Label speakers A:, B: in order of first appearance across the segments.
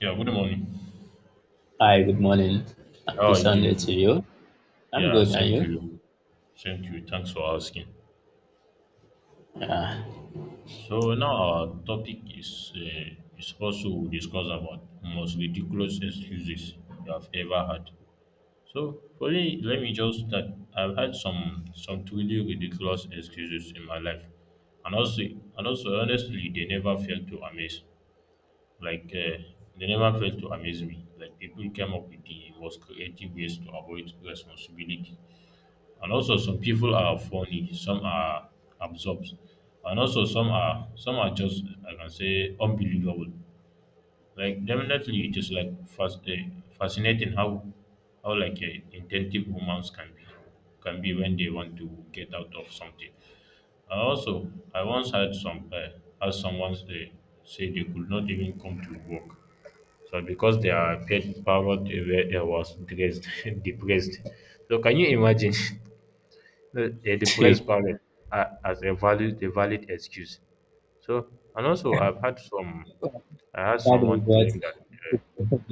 A: Yeah, good morning.
B: Hi, good morning. Happy
A: How are you
B: Sunday
A: doing?
B: to you. I'm
A: Yeah,
B: good, and
A: same
B: you?
A: to you. Same to you. Thanks for asking.
B: Yeah.
A: So now our topic is also we discuss about most ridiculous excuses you have ever had. So for me, let me just start. I've had some truly ridiculous excuses in my life, and also and also honestly, they never fail to amaze. Like uh, they never fail to amaze me. Like people came up with the most creative ways to avoid responsibility, and also some people are funny, some are absorbed, and also some are just, I can say, unbelievable. Like definitely it is like fascinating how intentive humans can be, when they want to get out of something. And also I once had someone say they could not even come to work so because their pet parrot was dressed depressed. So can you imagine they depress parents as a valid excuse. So and also I've had some, I had
B: That is
A: someone
B: what
A: claim that
B: you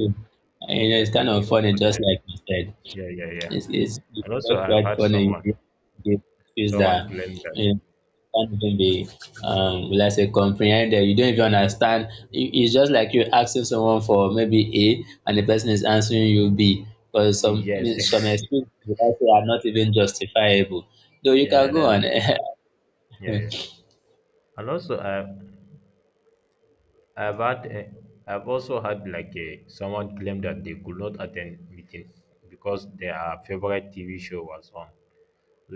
B: it's
A: that they
B: kind of
A: could not
B: funny, just
A: attend.
B: like you said.
A: Yeah, yeah, yeah.
B: It's
A: And also
B: just
A: I've
B: quite
A: had
B: funny.
A: someone
B: You feel
A: someone
B: that
A: claim that,
B: you know, can't even be will I say comprehended. You don't even understand. It- It's just like you're asking someone for maybe A and the person is answering you B. Because some
A: yes,
B: some
A: yes.
B: excuses will I are not even justifiable. Though you can
A: Yeah,
B: go
A: that's
B: on.
A: it. Yeah, yeah. And also I I've had a, I've also had like a someone claim that they could not attend meeting because their favorite TV show was on.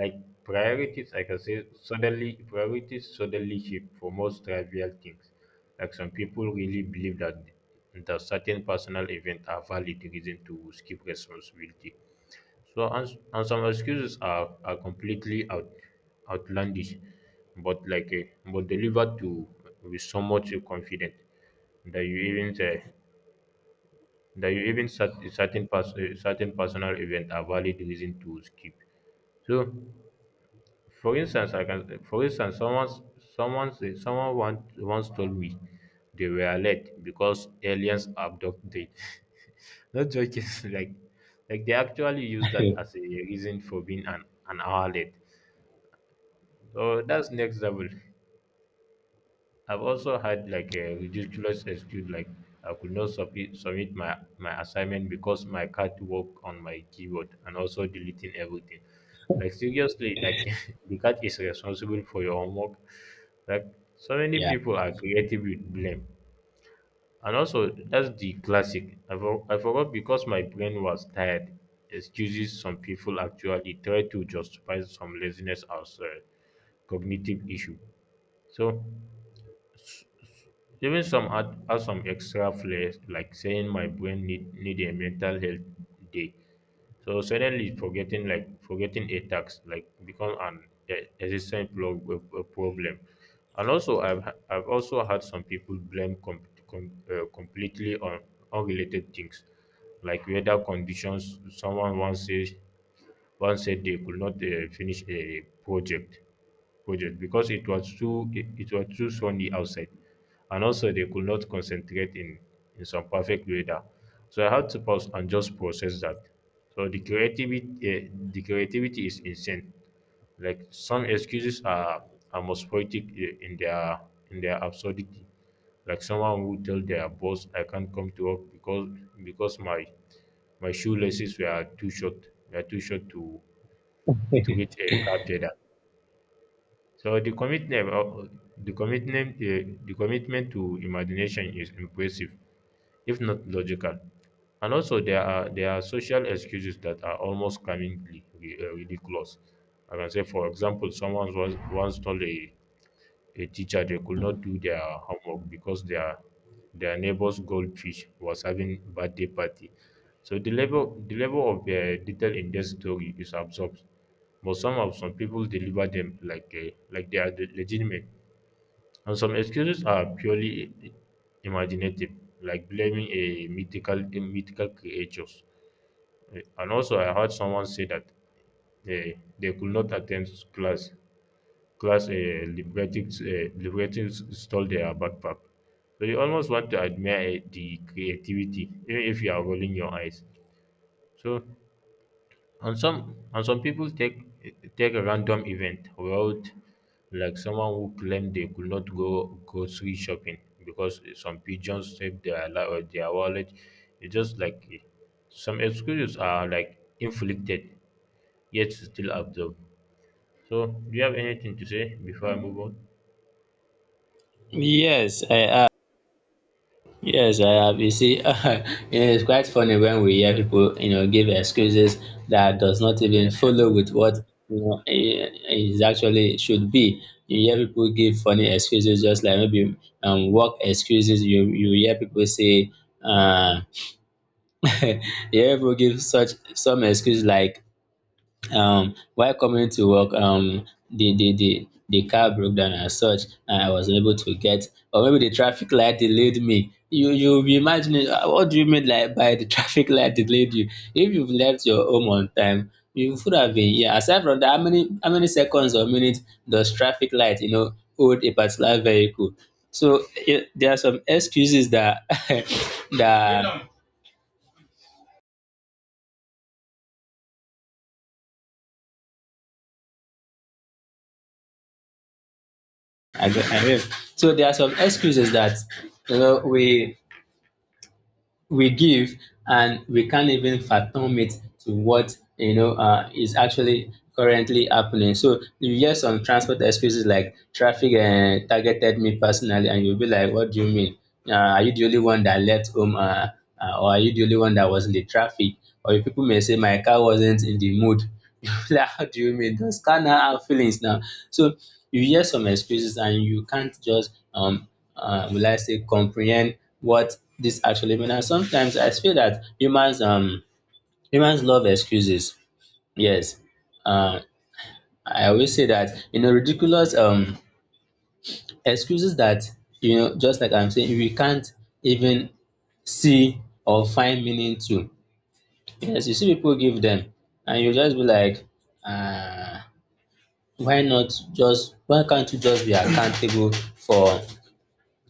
A: Like priorities, like I can say suddenly priorities suddenly shift for most trivial things. Like some people really believe that certain personal events are valid reason to skip responsibility. So and some excuses are completely outlandish, but but delivered to with so much confidence that you even say that you even certain certain personal event are valid reason to skip. So for instance, I can, for instance, someone once told me they were late because aliens abduct them. Not joking, like like they actually use that as a reason for being an hour late. So that's next level. I've also had like a ridiculous excuse, like I could not submit my assignment because my cat worked on my keyboard and also deleting everything. Like seriously, like the cat is responsible for your homework. Like so many
B: Yeah.
A: people are creative with blame. And also that's the classic. I forgot because my brain was tired. Excuses, some people actually try to justify some laziness as a cognitive issue. So even some add some extra flair, like saying my brain need a mental health day. So suddenly forgetting, like forgetting a tax, like become an existing a problem. And also I've also had some people blame completely on unrelated things like weather conditions. Someone once says one said they could not finish a project because it was too, it was too sunny outside, and also they could not concentrate in some perfect weather. So I had to pause and just process that. So the creativity, the creativity is insane. Like some excuses are most poetic in their absurdity, like someone who tell their boss, I can't come to work because my shoelaces were too short to reach a cap data. So the commitment, the commitment to imagination is impressive, if not logical. And also, there are social excuses that are almost comically ridiculous. I can say, for example, someone was once told a teacher they could not do their homework because their neighbor's goldfish was having birthday party. So the level, the level of detail in this story is absorbed, but some of some people deliver them like they are legitimate, and some excuses are purely i- imaginative, like blaming a mythical creatures. And also, I heard someone say that they could not attend class, class liberating, liberating stole their backpack. So you almost want to admire the creativity, even if you are rolling your eyes. So, and some people take take a random event, road, like someone who claimed they could not go grocery shopping because some pigeons saved their or their wallet. It's just some excuses are like inflicted yet still absorbed. So, do you have anything to say before I move on?
B: Yes, I have. Yes, I have. You see, it's quite funny when we hear people, you know, give excuses that does not even follow with what is actually should be. You hear people give funny excuses, just like maybe work excuses. You hear people say, uh, you hear people give such some excuse like while coming to work, the car broke down and such, and I was unable to get, or maybe the traffic light delayed me. You'll be imagining what do you mean like by the traffic light delayed you? If you've left your home on time, you would have been here. Aside from that, how many seconds or minutes does traffic light, you know, hold a particular vehicle? So it, there are some excuses that that I, don't- I mean, so there are some excuses that you know we we give and we can't even fathom it to what is actually currently happening. So you hear some transport excuses like traffic targeted me personally, and you'll be like, "What do you mean? Are you the only one that left home, or are you the only one that was in the traffic?" Or you people may say, "My car wasn't in the mood." You like, how do you mean? Those car now have feelings now. So you hear some excuses, and you can't just will I say comprehend what this actually means. And sometimes I feel that humans love excuses. Yes, uh, I always say that ridiculous excuses that just like I'm saying we can't even see or find meaning to. Yes, you see people give them, and you just be like, uh, why can't you just be accountable for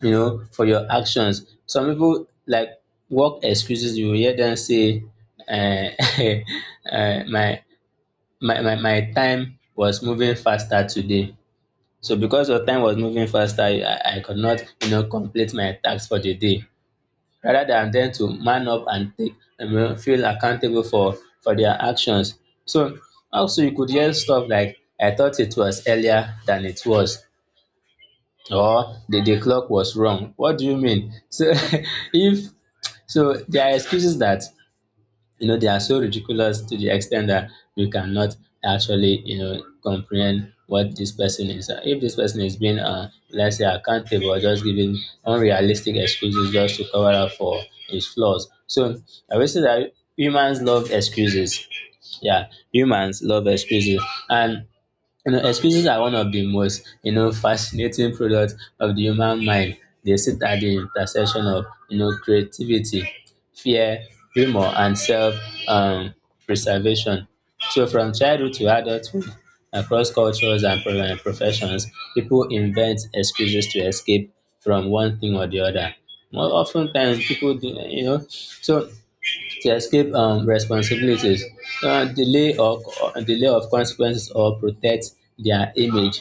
B: you know, for your actions. Some people like work excuses. You will hear them say, uh, uh, "My my time was moving faster today." So because your time was moving faster, I could not you know complete my tasks for the day. Rather than them to man up and take you know, feel accountable for their actions. So also you could hear stuff like, "I thought it was earlier than it was." Or the clock was wrong. What do you mean? So if so, there are excuses that you know they are so ridiculous to the extent that you cannot actually you know comprehend what this person is. If this person is being let's say accountable or just giving unrealistic excuses just to cover up for his flaws. So I would say that humans love excuses. Yeah, humans love excuses and you know, excuses are one of the most, you know, fascinating products of the human mind. They sit at the intersection of, you know, creativity, fear, humor, and self um, preservation. So, from childhood to adulthood, across cultures and professions, people invent excuses to escape from one thing or the other. More often times, people do, you know, so to escape responsibilities, delay or delay of consequences or protect their image,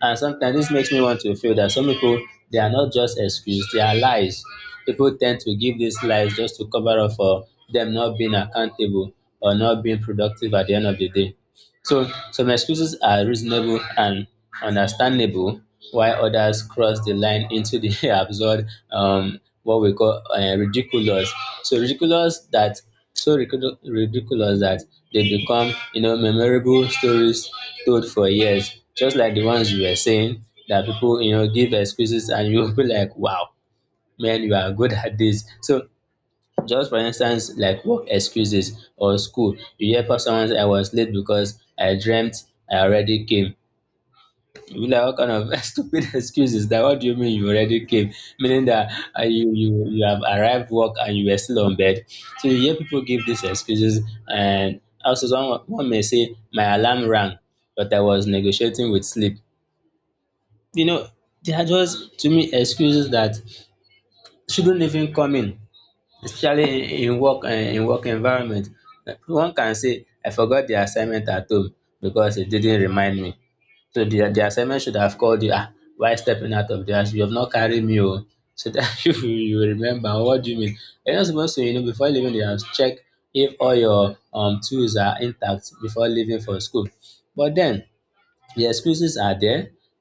B: and sometimes this makes me want to feel that some people they are not just excuse, they are lies. People tend to give these lies just to cover up for them not being accountable or not being productive at the end of the day. So some excuses are reasonable and understandable, while others cross the line into the absurd, what we call ridiculous. So ridiculous that ridiculous that they become you know memorable stories told for years, just like the ones you were saying that people you know give excuses and you'll be like, wow, man, you are good at this. So just for instance, like work excuses or school, you hear from someone say, I was late because I dreamt I already came. You be like, what kind of stupid excuse is that? What do you mean you already came? Meaning that you you have arrived work and you were still on bed. So you hear people give these excuses, and also someone one may say, my alarm rang, but I was negotiating with sleep. You know, they are just to me excuses that shouldn't even come in, especially in work environment. One can say I forgot the assignment at home because it didn't remind me. So the assignment should have called you, ah, why stepping out of the house you have not carry me o, so that you will remember. What do you mean you're not supposed to you know before leaving the house check if all your tools are intact before leaving for school? But then the excuses are there.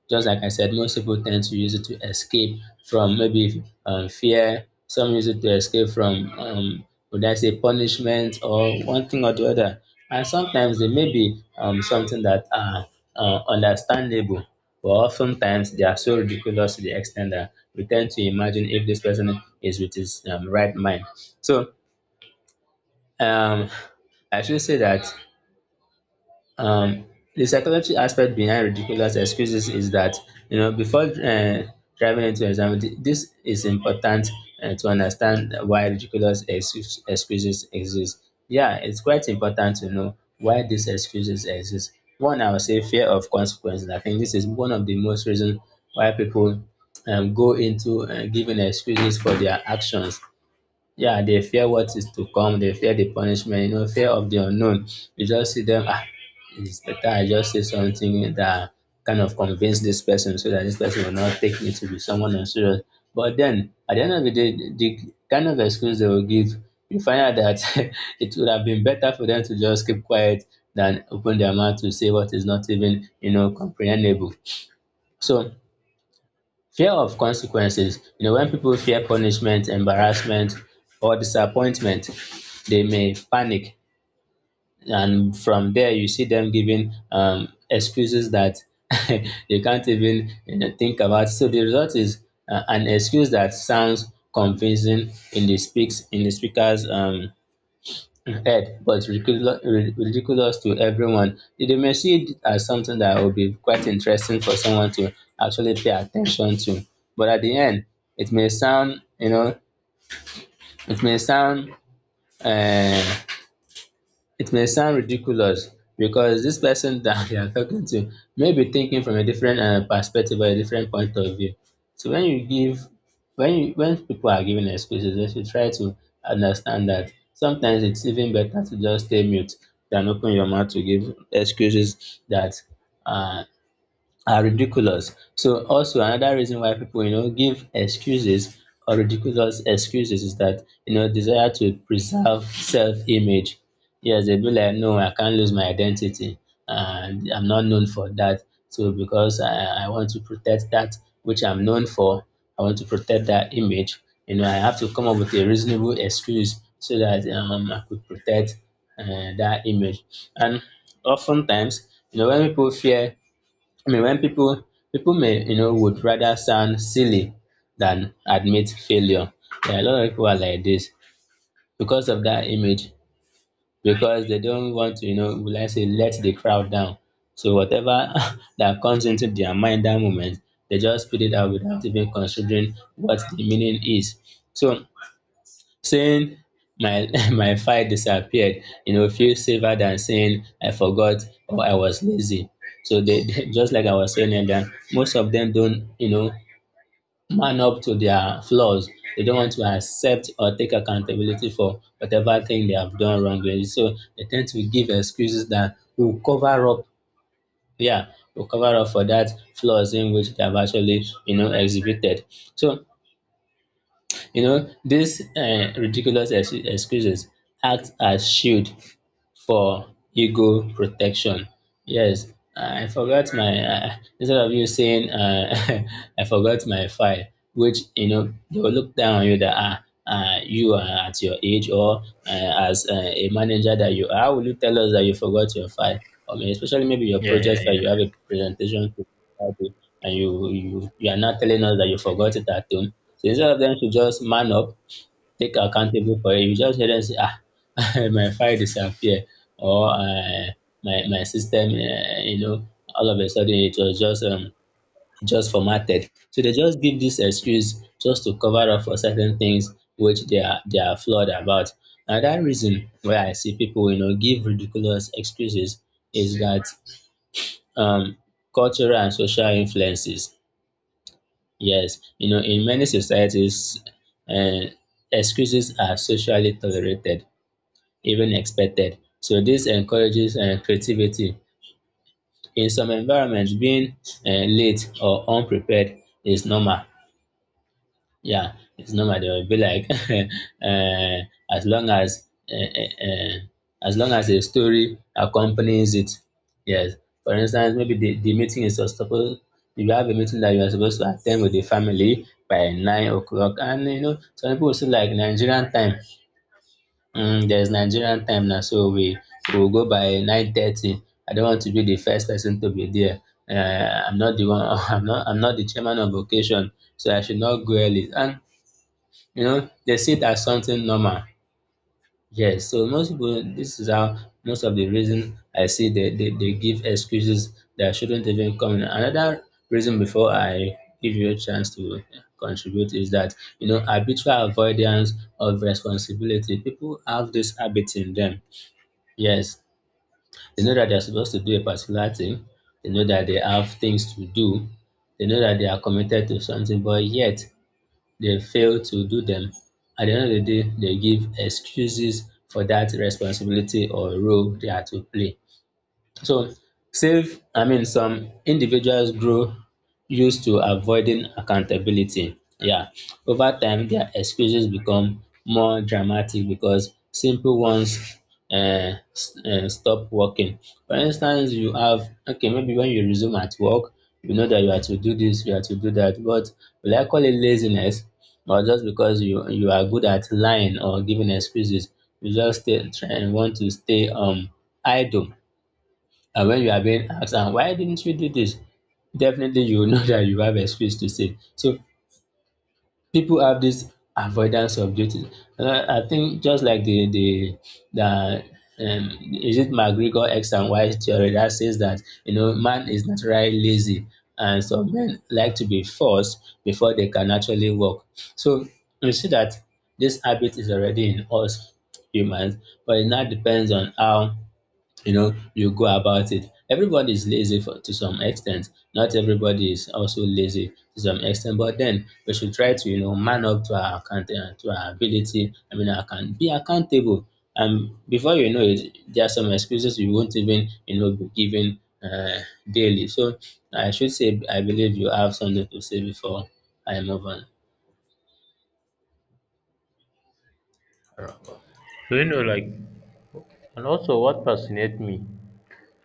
B: Just like I said, most people tend to use it to escape from maybe fear. Some use it to escape from, would I say, punishment or one thing or the other. And sometimes they may be something that are understandable, but oftentimes they are so ridiculous to the extent that we tend to imagine if this person is with his right mind. So um, I should say that um the psychology aspect behind ridiculous excuses is that you know before driving into this is important to understand why excuses exist. Yeah, it's quite important to know why these excuses exist. One, I would say fear of consequences. I think this is one of the most reason why people go into giving excuses for their actions. Yeah, they fear what is to come. They fear the punishment, you know, fear of the unknown. You just see them, ah, it's better I just say something that kind of convince this person so that this person will not take me to be someone unserious. But then, at the end of the day, the kind of excuse they will give, you find out that it would have been better for them to just keep quiet than open their mouth to say what is not even, you know, comprehensible. So, fear of consequences, you know, when people fear punishment, embarrassment, or disappointment, they may panic, and from there you see them giving excuses that they can't even you know, think about. So the result is an excuse that sounds convincing in the speaker's head, but ridiculous, ridiculous to everyone. They may see it as something that will be quite interesting for someone to actually pay attention to. But at the end, it may sound, you know, it may sound uh, it may sound ridiculous because this person that you are talking to may be thinking from a different perspective or a different point of view. So when you give, when you, when people are giving excuses, they should try to understand that sometimes it's even better to just stay mute than open your mouth to give excuses that uh are ridiculous. So also another reason why people you know give excuses or ridiculous excuses is that you know desire to preserve self-image. Yes, they be like, no, I can't lose my identity, and I'm not known for that. So because I want to protect that which I'm known for, I want to protect that image. You know, I have to come up with a reasonable excuse so that I could protect that image. And oftentimes, you know, when people fear I mean, when people people may you know would rather sound silly than admit failure. Yeah, a lot of people are like this because of that image, because they don't want to you know, will I say, let the crowd down. So whatever that comes into their mind that moment, they just put it out without even considering what the meaning is. So saying my my file disappeared feels safer than saying I forgot or I was lazy. So they, they- just like I was saying earlier, most of them don't man up to their flaws. They don't want to accept or take accountability for whatever thing they have done wrongly, so they tend to give excuses that will cover up, yeah, will cover up for that flaws in which they have actually exhibited. So these ridiculous excuses act as shield for ego protection. Yes, I forgot my instead of you saying I forgot my file, which they will look down on you that ah. You are at your age or as a manager that you are, how will you tell us that you forgot your file? I mean, especially maybe your
A: Yeah, yeah,
B: project file,
A: yeah.
B: you have a presentation to do, and you are not telling us that you forgot it at home. So instead of them to just man up, take accountable for it. You just hear them say, ah, my file disappear, or my system, all of a sudden it was just formatted. So they just give this excuse just to cover up for certain things which they are flawed about. Now that reason where I see people give ridiculous excuses is that um cultural and social influences. Yes, in many societies, uh, excuses are socially tolerated, even expected. So this encourages creativity. In some environments, being late or unprepared is normal. Yeah, it's normal. They will be like, as long as uh, uh, uh, as long as a story accompanies it. Yes. For instance, maybe the meeting is supposed if you have a meeting that you are supposed to attend with the family by 9 o'clock, and some people will say like Nigerian time, there's Nigerian time now, so we go by 9:30. I don't want to be the first person to be there. I'm not the one, I'm not the chairman of occasion, so I should not go early. And they see it as something normal. Yes, so most people this is how most of the reason I see they give excuses that shouldn't even come in. Another reason before I give you a chance to contribute is that habitual avoidance of responsibility, people have this habit in them. Yes, they know that they're supposed to do a particular thing. They know that they have things to do. They know that they are committed to something, but yet they fail to do them. At the end of the day, they give excuses for that responsibility or role they are to play. So save, I mean, some individuals grow used to avoiding accountability. Yeah, over time, their excuses become more dramatic because simple ones stop working. For instance, you have, okay, maybe when you resume at work, you know that you have to do this, you have to do that, but will I call it laziness? Or just because you are good at lying or giving excuses, you just stay, try and want to stay idle. And when you are being asked, and why didn't you do this? Definitely you will know that you have excuse to say. So people have this avoidance of duty. I think just like the the is it McGregor X and Y theory that says that man is naturally lazy, and some men like to be forced before they can actually work. So you see that this habit is already in us humans, but it now depends on how you go about it. Everybody is lazy to some extent, not everybody is also lazy to some extent, but then we should try to man up to our account to our ability. I mean, I can be accountable, and before you know it, there are some excuses you won't even be given daily. So I should say I believe you have something to say before I move on.
A: So, you know, like and also what fascinates me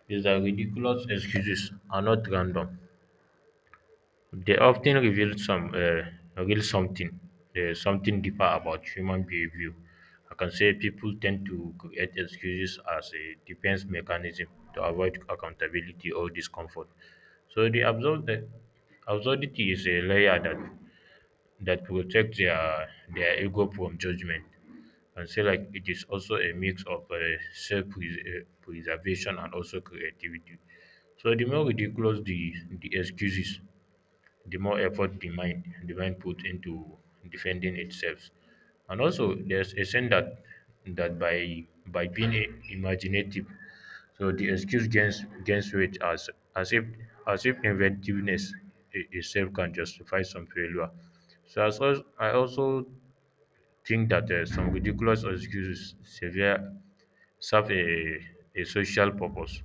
A: is that ridiculous excuses are not random. They often reveal some real something something deeper about human behavior. I can say people tend to create excuses as a defense mechanism to avoid accountability or discomfort. So the absurdity is a layer that that protect their ego from judgment. And say like it is also a mix of self preservation and also creativity. So the more ridiculous the excuses, the more effort the mind puts into defending itself. And also there's a sense that that by being a, imaginative, so the excuse gains weight as if as if inventiveness itself can justify some failure. So as also, I also think that some ridiculous excuses severe serve a social purpose.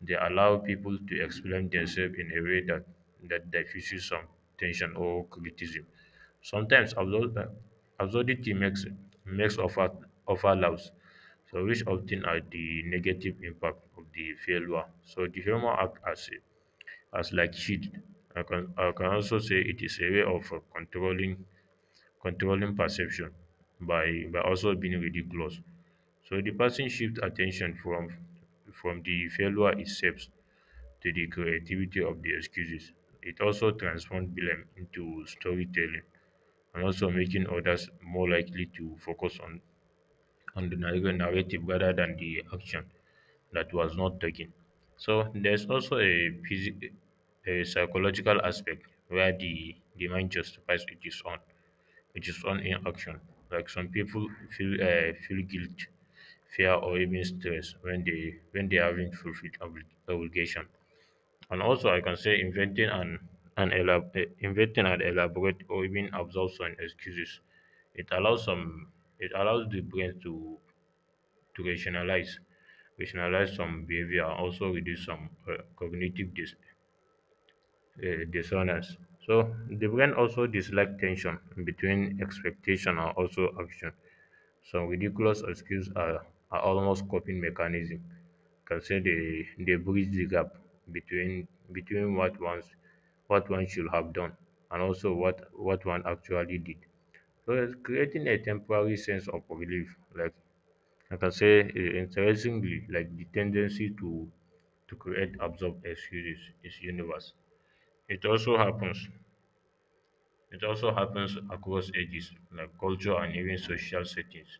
A: They allow people to explain themselves in a way that, that diffuses some tension or criticism. Sometimes absurdity makes makes offer offer loud, so which often are the negative impact of the failure. So the humor act as a, as like shield. I can, I can also say it is a way of controlling controlling perception by also being ridiculous. So the person shifts attention from the failure itself to the creativity of the excuses. It also transforms blame into storytelling and also making others more likely to focus on the narrative rather than the action that was not taken. So there's also a, a psychological aspect where the mind justifies its own which is on in action. Like some people feel feel guilt, fear, or even stress when they haven't fulfilled obligation. And also, I can say inventing and inventing and elaborate or even absorb some excuses. It allows some, it allows the brain to rationalize, rationalize some behavior, and also reduce some cognitive dishonest. So the brain also dislike tension between expectation and also action. Some ridiculous excuses are almost coping mechanism. Can say they bridge the gap between between what one's what one should have done and also what one actually did. So it's creating a temporary sense of relief. Like I can say interestingly, like the tendency to create absurd excuses is universal. It also happens. It also happens across ages, like culture and even social settings.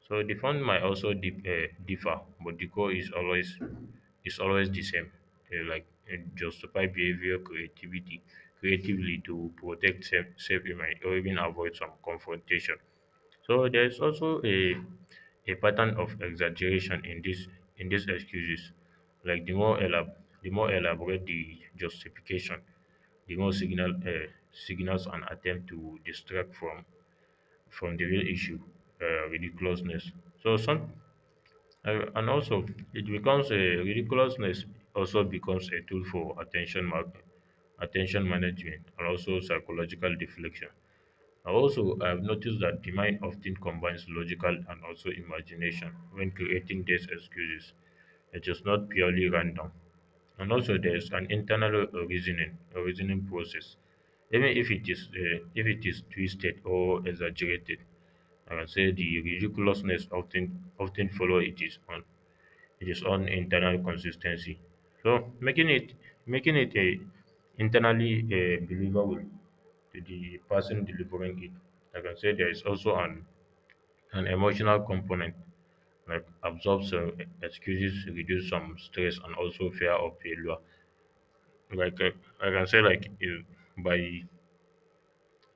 A: So the font might also dip, differ, but the core is always, is always the same. They like justify behavior, creativity, creatively to protect self safe image or even avoid some confrontation. So there is also a pattern of exaggeration in this in these excuses. Like the more elab the more elaborate the justification, ignore signal signals and attempt to distract from the real issue, ridiculousness. So some and also it becomes a ridiculousness also becomes a tool for attention attention management and also psychological deflection. Also, I have noticed that the mind often combines logical and also imagination when creating these excuses. It is not purely random. And also, there is an internal a reasoning process, even if it is twisted or exaggerated. I can say the ridiculousness often follow it is on internal consistency. So making it a internally believable to the person delivering it. Like I can say there is also an emotional component, like absorb some excuses, reduce some stress, and also fear of failure. Like I can say, like by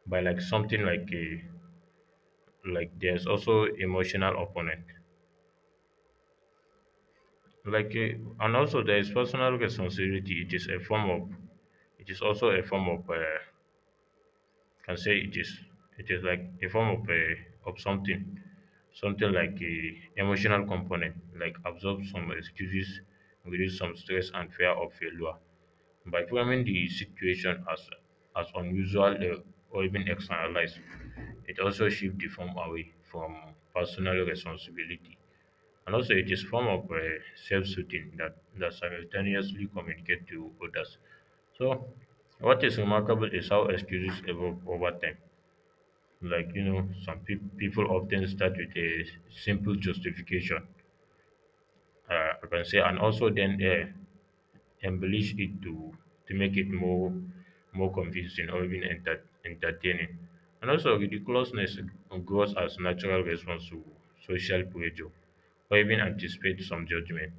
A: by like something like there's also emotional opponent, like and also there is personal responsibility. It is a form of, it is also a form of can say it is, it is like a form of a of something, something like a emotional component like absorb some excuses reduce some stress and fear of failure by framing the situation as unusual or even externalized. It also shifts the form away from personal responsibility, and also it is form of self-soothing that that simultaneously communicate to others. So what is remarkable is how excuses evolve over time. Like, you know, some peop people often start with a simple justification. Uh, I can say, and also then embellish it to make it more more convincing or even entertaining. And also, ridiculousness grows as natural response to social pressure or even anticipate some judgment.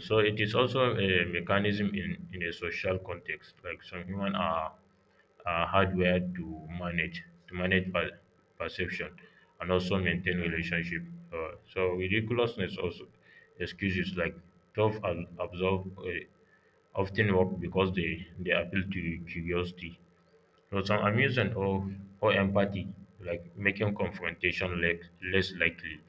A: So it is also a mechanism in a social context. Like some human are hardware to manage perception and also maintain relationship. So ridiculousness also excuses like tough and absorb often work because they appeal to curiosity. So some amusement or empathy, like making less likely.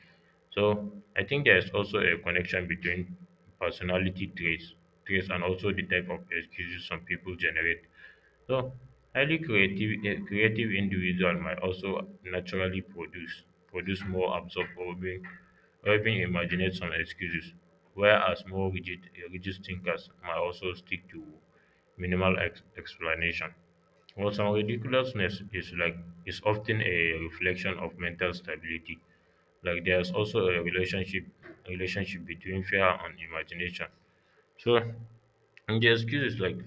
A: So I think there is also a connection between personality traits, traits and also the type of excuses some people generate. So, highly creative creative individual might also naturally produce more, absorb, or even imaginate some excuses, whereas more rigid rigid thinkers might also stick to minimal explanation. Well, some ridiculousness is like is often a reflection of mental stability. Like there's also a relationship between fear and imagination. So, and the excuses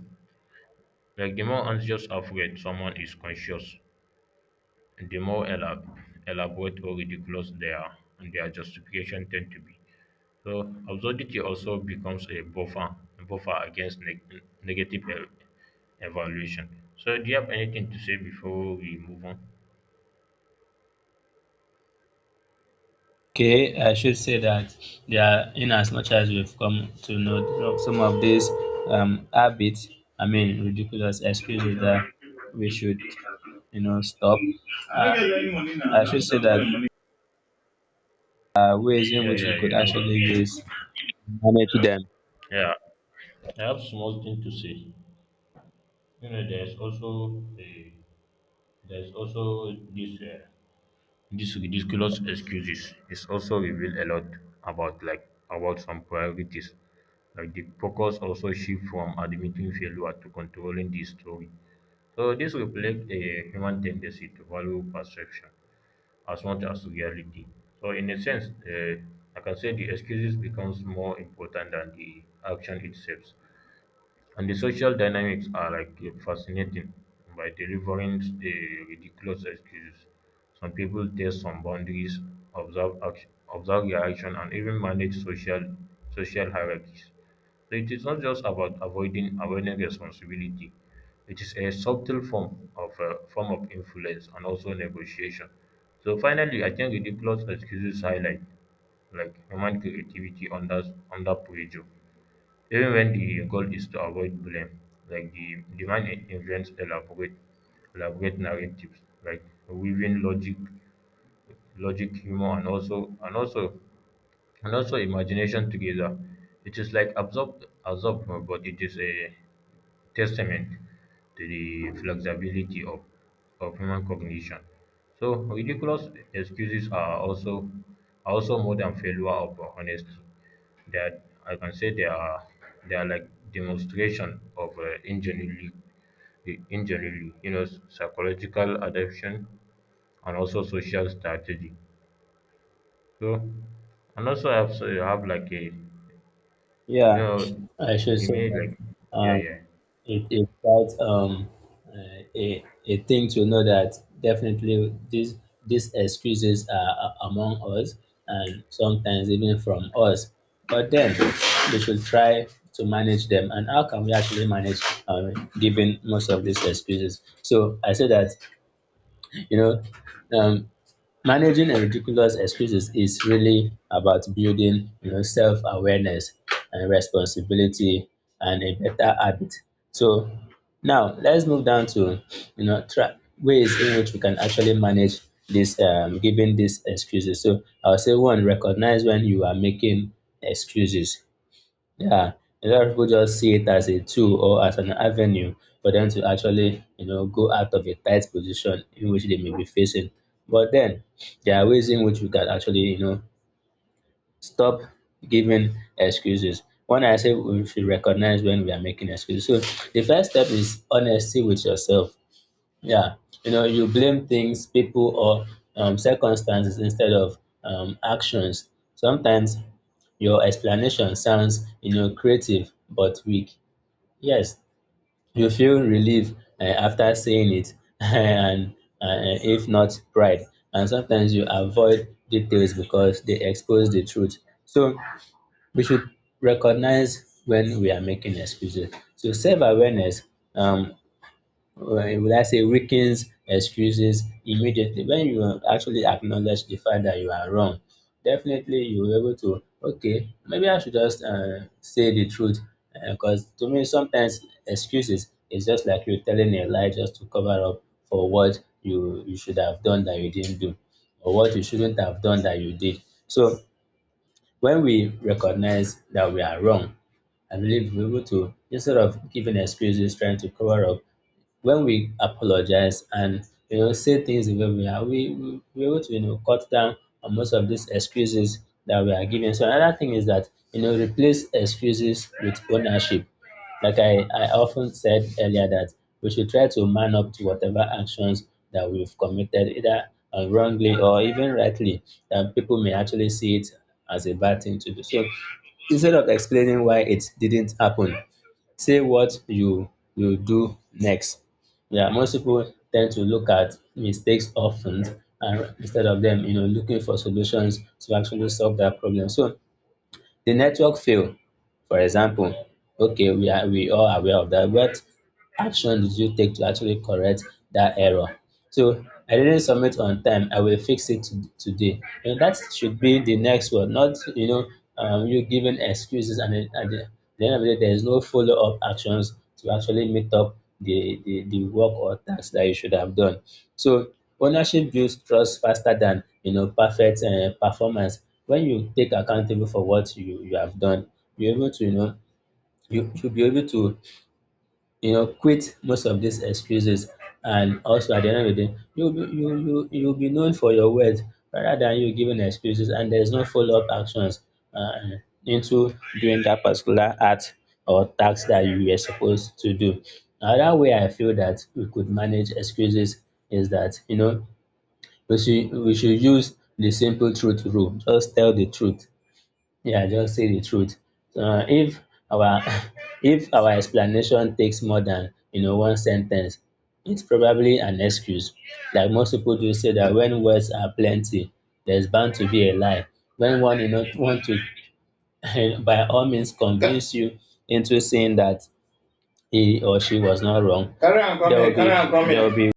A: like the more anxious afraid someone is conscious, the more elaborate or ridiculous their justification tend to be. So absurdity also becomes a buffer against negative evaluation. So do you have anything to say before we move on?
B: Okay, I should say that, yeah, in as much as we've come to know some of these habits, I mean ridiculous excuses, that we should stop. Uh, I should say that ways in
A: Yeah,
B: which we
A: yeah,
B: could
A: you
B: actually
A: know,
B: use manage them.
A: yeah. I have small thing to say. You know, there's also a, there's also this. This ridiculous excuses is also reveal a lot about like about some priorities. Like the focus also shift from admitting failure to controlling the story. So this reflects a human tendency to value perception as much as reality. So in a sense, I can say the excuses becomes more important than the action itself. And the social dynamics are like fascinating by delivering the ridiculous excuses. Some people test some boundaries, observe action, observe reaction, and even manage social social hierarchies. So it is not just about avoiding responsibility. It is a subtle form of influence and also negotiation. So finally, I think ridiculous excuses highlight like human creativity under under pressure, even when the goal is to avoid blame, like the, demand man invents elaborate elaborate narratives, like weaving logic, logic, humor, and also imagination together. It is like absorbed, but it is a testament to the flexibility of human cognition. So ridiculous excuses are also more than failure of honesty. That I can say they are like demonstration of ingenuity, the ingenuity, you know, psychological adaptation and also social strategy. So and also I have, so you have like a, you
B: Yeah,
A: know,
B: I should
A: they
B: say
A: made
B: that.
A: like yeah
B: uh,
A: yeah
B: it is quite a thing to know that definitely these excuses are among us and sometimes even from us, but then we should try to manage them. And how can we actually manage uh, given most of these excuses? So I say that, you know um, managing a ridiculous excuses is really about building self-awareness and responsibility and a better habit. So now let's move down to ways in which we can actually manage this giving these excuses. So I'll say one, recognize when you are making excuses. Yeah, a lot of people just see it as a tool or as an avenue for them to actually, go out of a tight position in which they may be facing. But then there are ways in which we can actually, stop giving excuses. When I say we should recognize when we are making excuses. So the first step is honesty with yourself. Yeah, you blame things, people, or circumstances instead of actions. Sometimes your explanation sounds, creative but weak. Yes, you feel relief after saying it, and if not pride. And sometimes you avoid details because they expose the truth. So we should recognize when we are making excuses. So self-awareness, um, when will I say weakens excuses immediately? When you actually acknowledge the fact that you are wrong, definitely you will able to, okay, maybe I should just say the truth. Because to me, sometimes excuses is just like you telling a lie just to cover up for what you should have done that you didn't do, or what you shouldn't have done that you did. So when we recognize that we are wrong, I believe we're able to, instead of giving excuses, trying to cover up, when we apologize and say things the way we are, we're able to cut down on most of these excuses that we are giving. So another thing is that replace excuses with ownership. Like I often said earlier that we should try to man up to whatever actions that we've committed, either wrongly or even rightly, that people may actually see it as a bad thing to do. So instead of explaining why it didn't happen, say what you will do next. Yeah, most people tend to look at mistakes often, and instead of them, looking for solutions to actually solve that problem. So the network fail, for example, okay, we all aware of that, but action did you take to actually correct that error? So I didn't submit on time, I will fix it today. And that should be the next one, not you giving excuses, and then at the end of the day there is no follow up actions to actually meet up the work or task that you should have done. So ownership builds trust faster than perfect performance. When you take accountable for what you have done, you're able to you should be able to quit most of these excuses. And also at the end of the day, you'll be known for your words, rather than you giving excuses and there's no follow-up actions uh, into doing that particular act or task that you were supposed to do. Another way I feel that we could manage excuses is that, we should use the simple truth rule, just tell the truth. Yeah, just say the truth. If our if our explanation takes more than one sentence, it's probably an excuse. Like most people do say that when words are plenty, there's bound to be a lie. When one want to by all means convince you into saying that he or she was not wrong, carry on there will coming, carry be on there coming, will be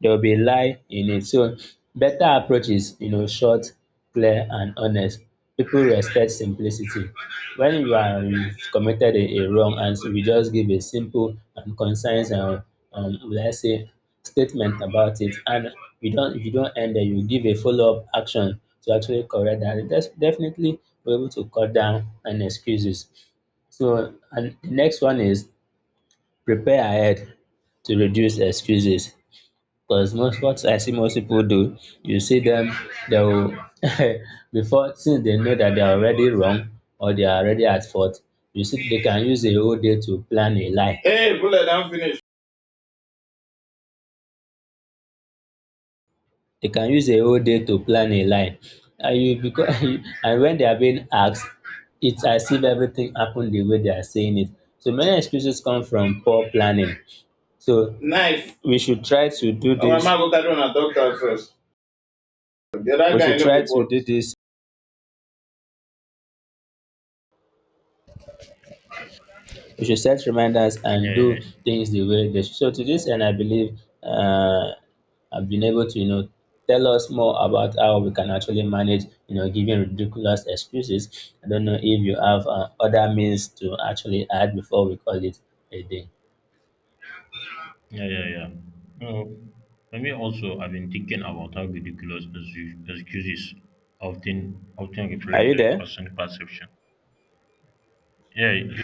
B: there will be a lie in it. So better approach is, short, clear, and honest. People respect simplicity. When you've committed a wrong answer, we just give a simple and concise, will I say, statement about it. And we don't, if you don't end there, you give a follow up action to actually correct that. That's definitely we're able to cut down on excuses. So, and the next one is prepare ahead to reduce excuses. Because most what I see most people do, you see them, they will before, since they know that they are already wrong or they are already at fault, you see they can use a whole day to plan a lie. Hey, bullet, I'm finished. They can use a whole day to plan a lie. And you because and when they are being asked, it's as if everything happened the way they are saying it. So many excuses come from poor planning. So Knife. We should try to do Oh, my this. Man go carry on a doctor first. The other We guy should no try to bolt. Do this we should set reminders and
A: yeah
B: do
A: yeah.
B: things the way they should. So to this end, I believe I've been able to, tell us more about how we can actually manage, giving ridiculous excuses. I don't know if you have other means to actually add before we call it a day.
A: Yeah, yeah, yeah. No, for me also, I've been thinking about how ridiculous excuses often
B: Are
A: reflect
B: you
A: a
B: there?
A: person's perception. Yeah,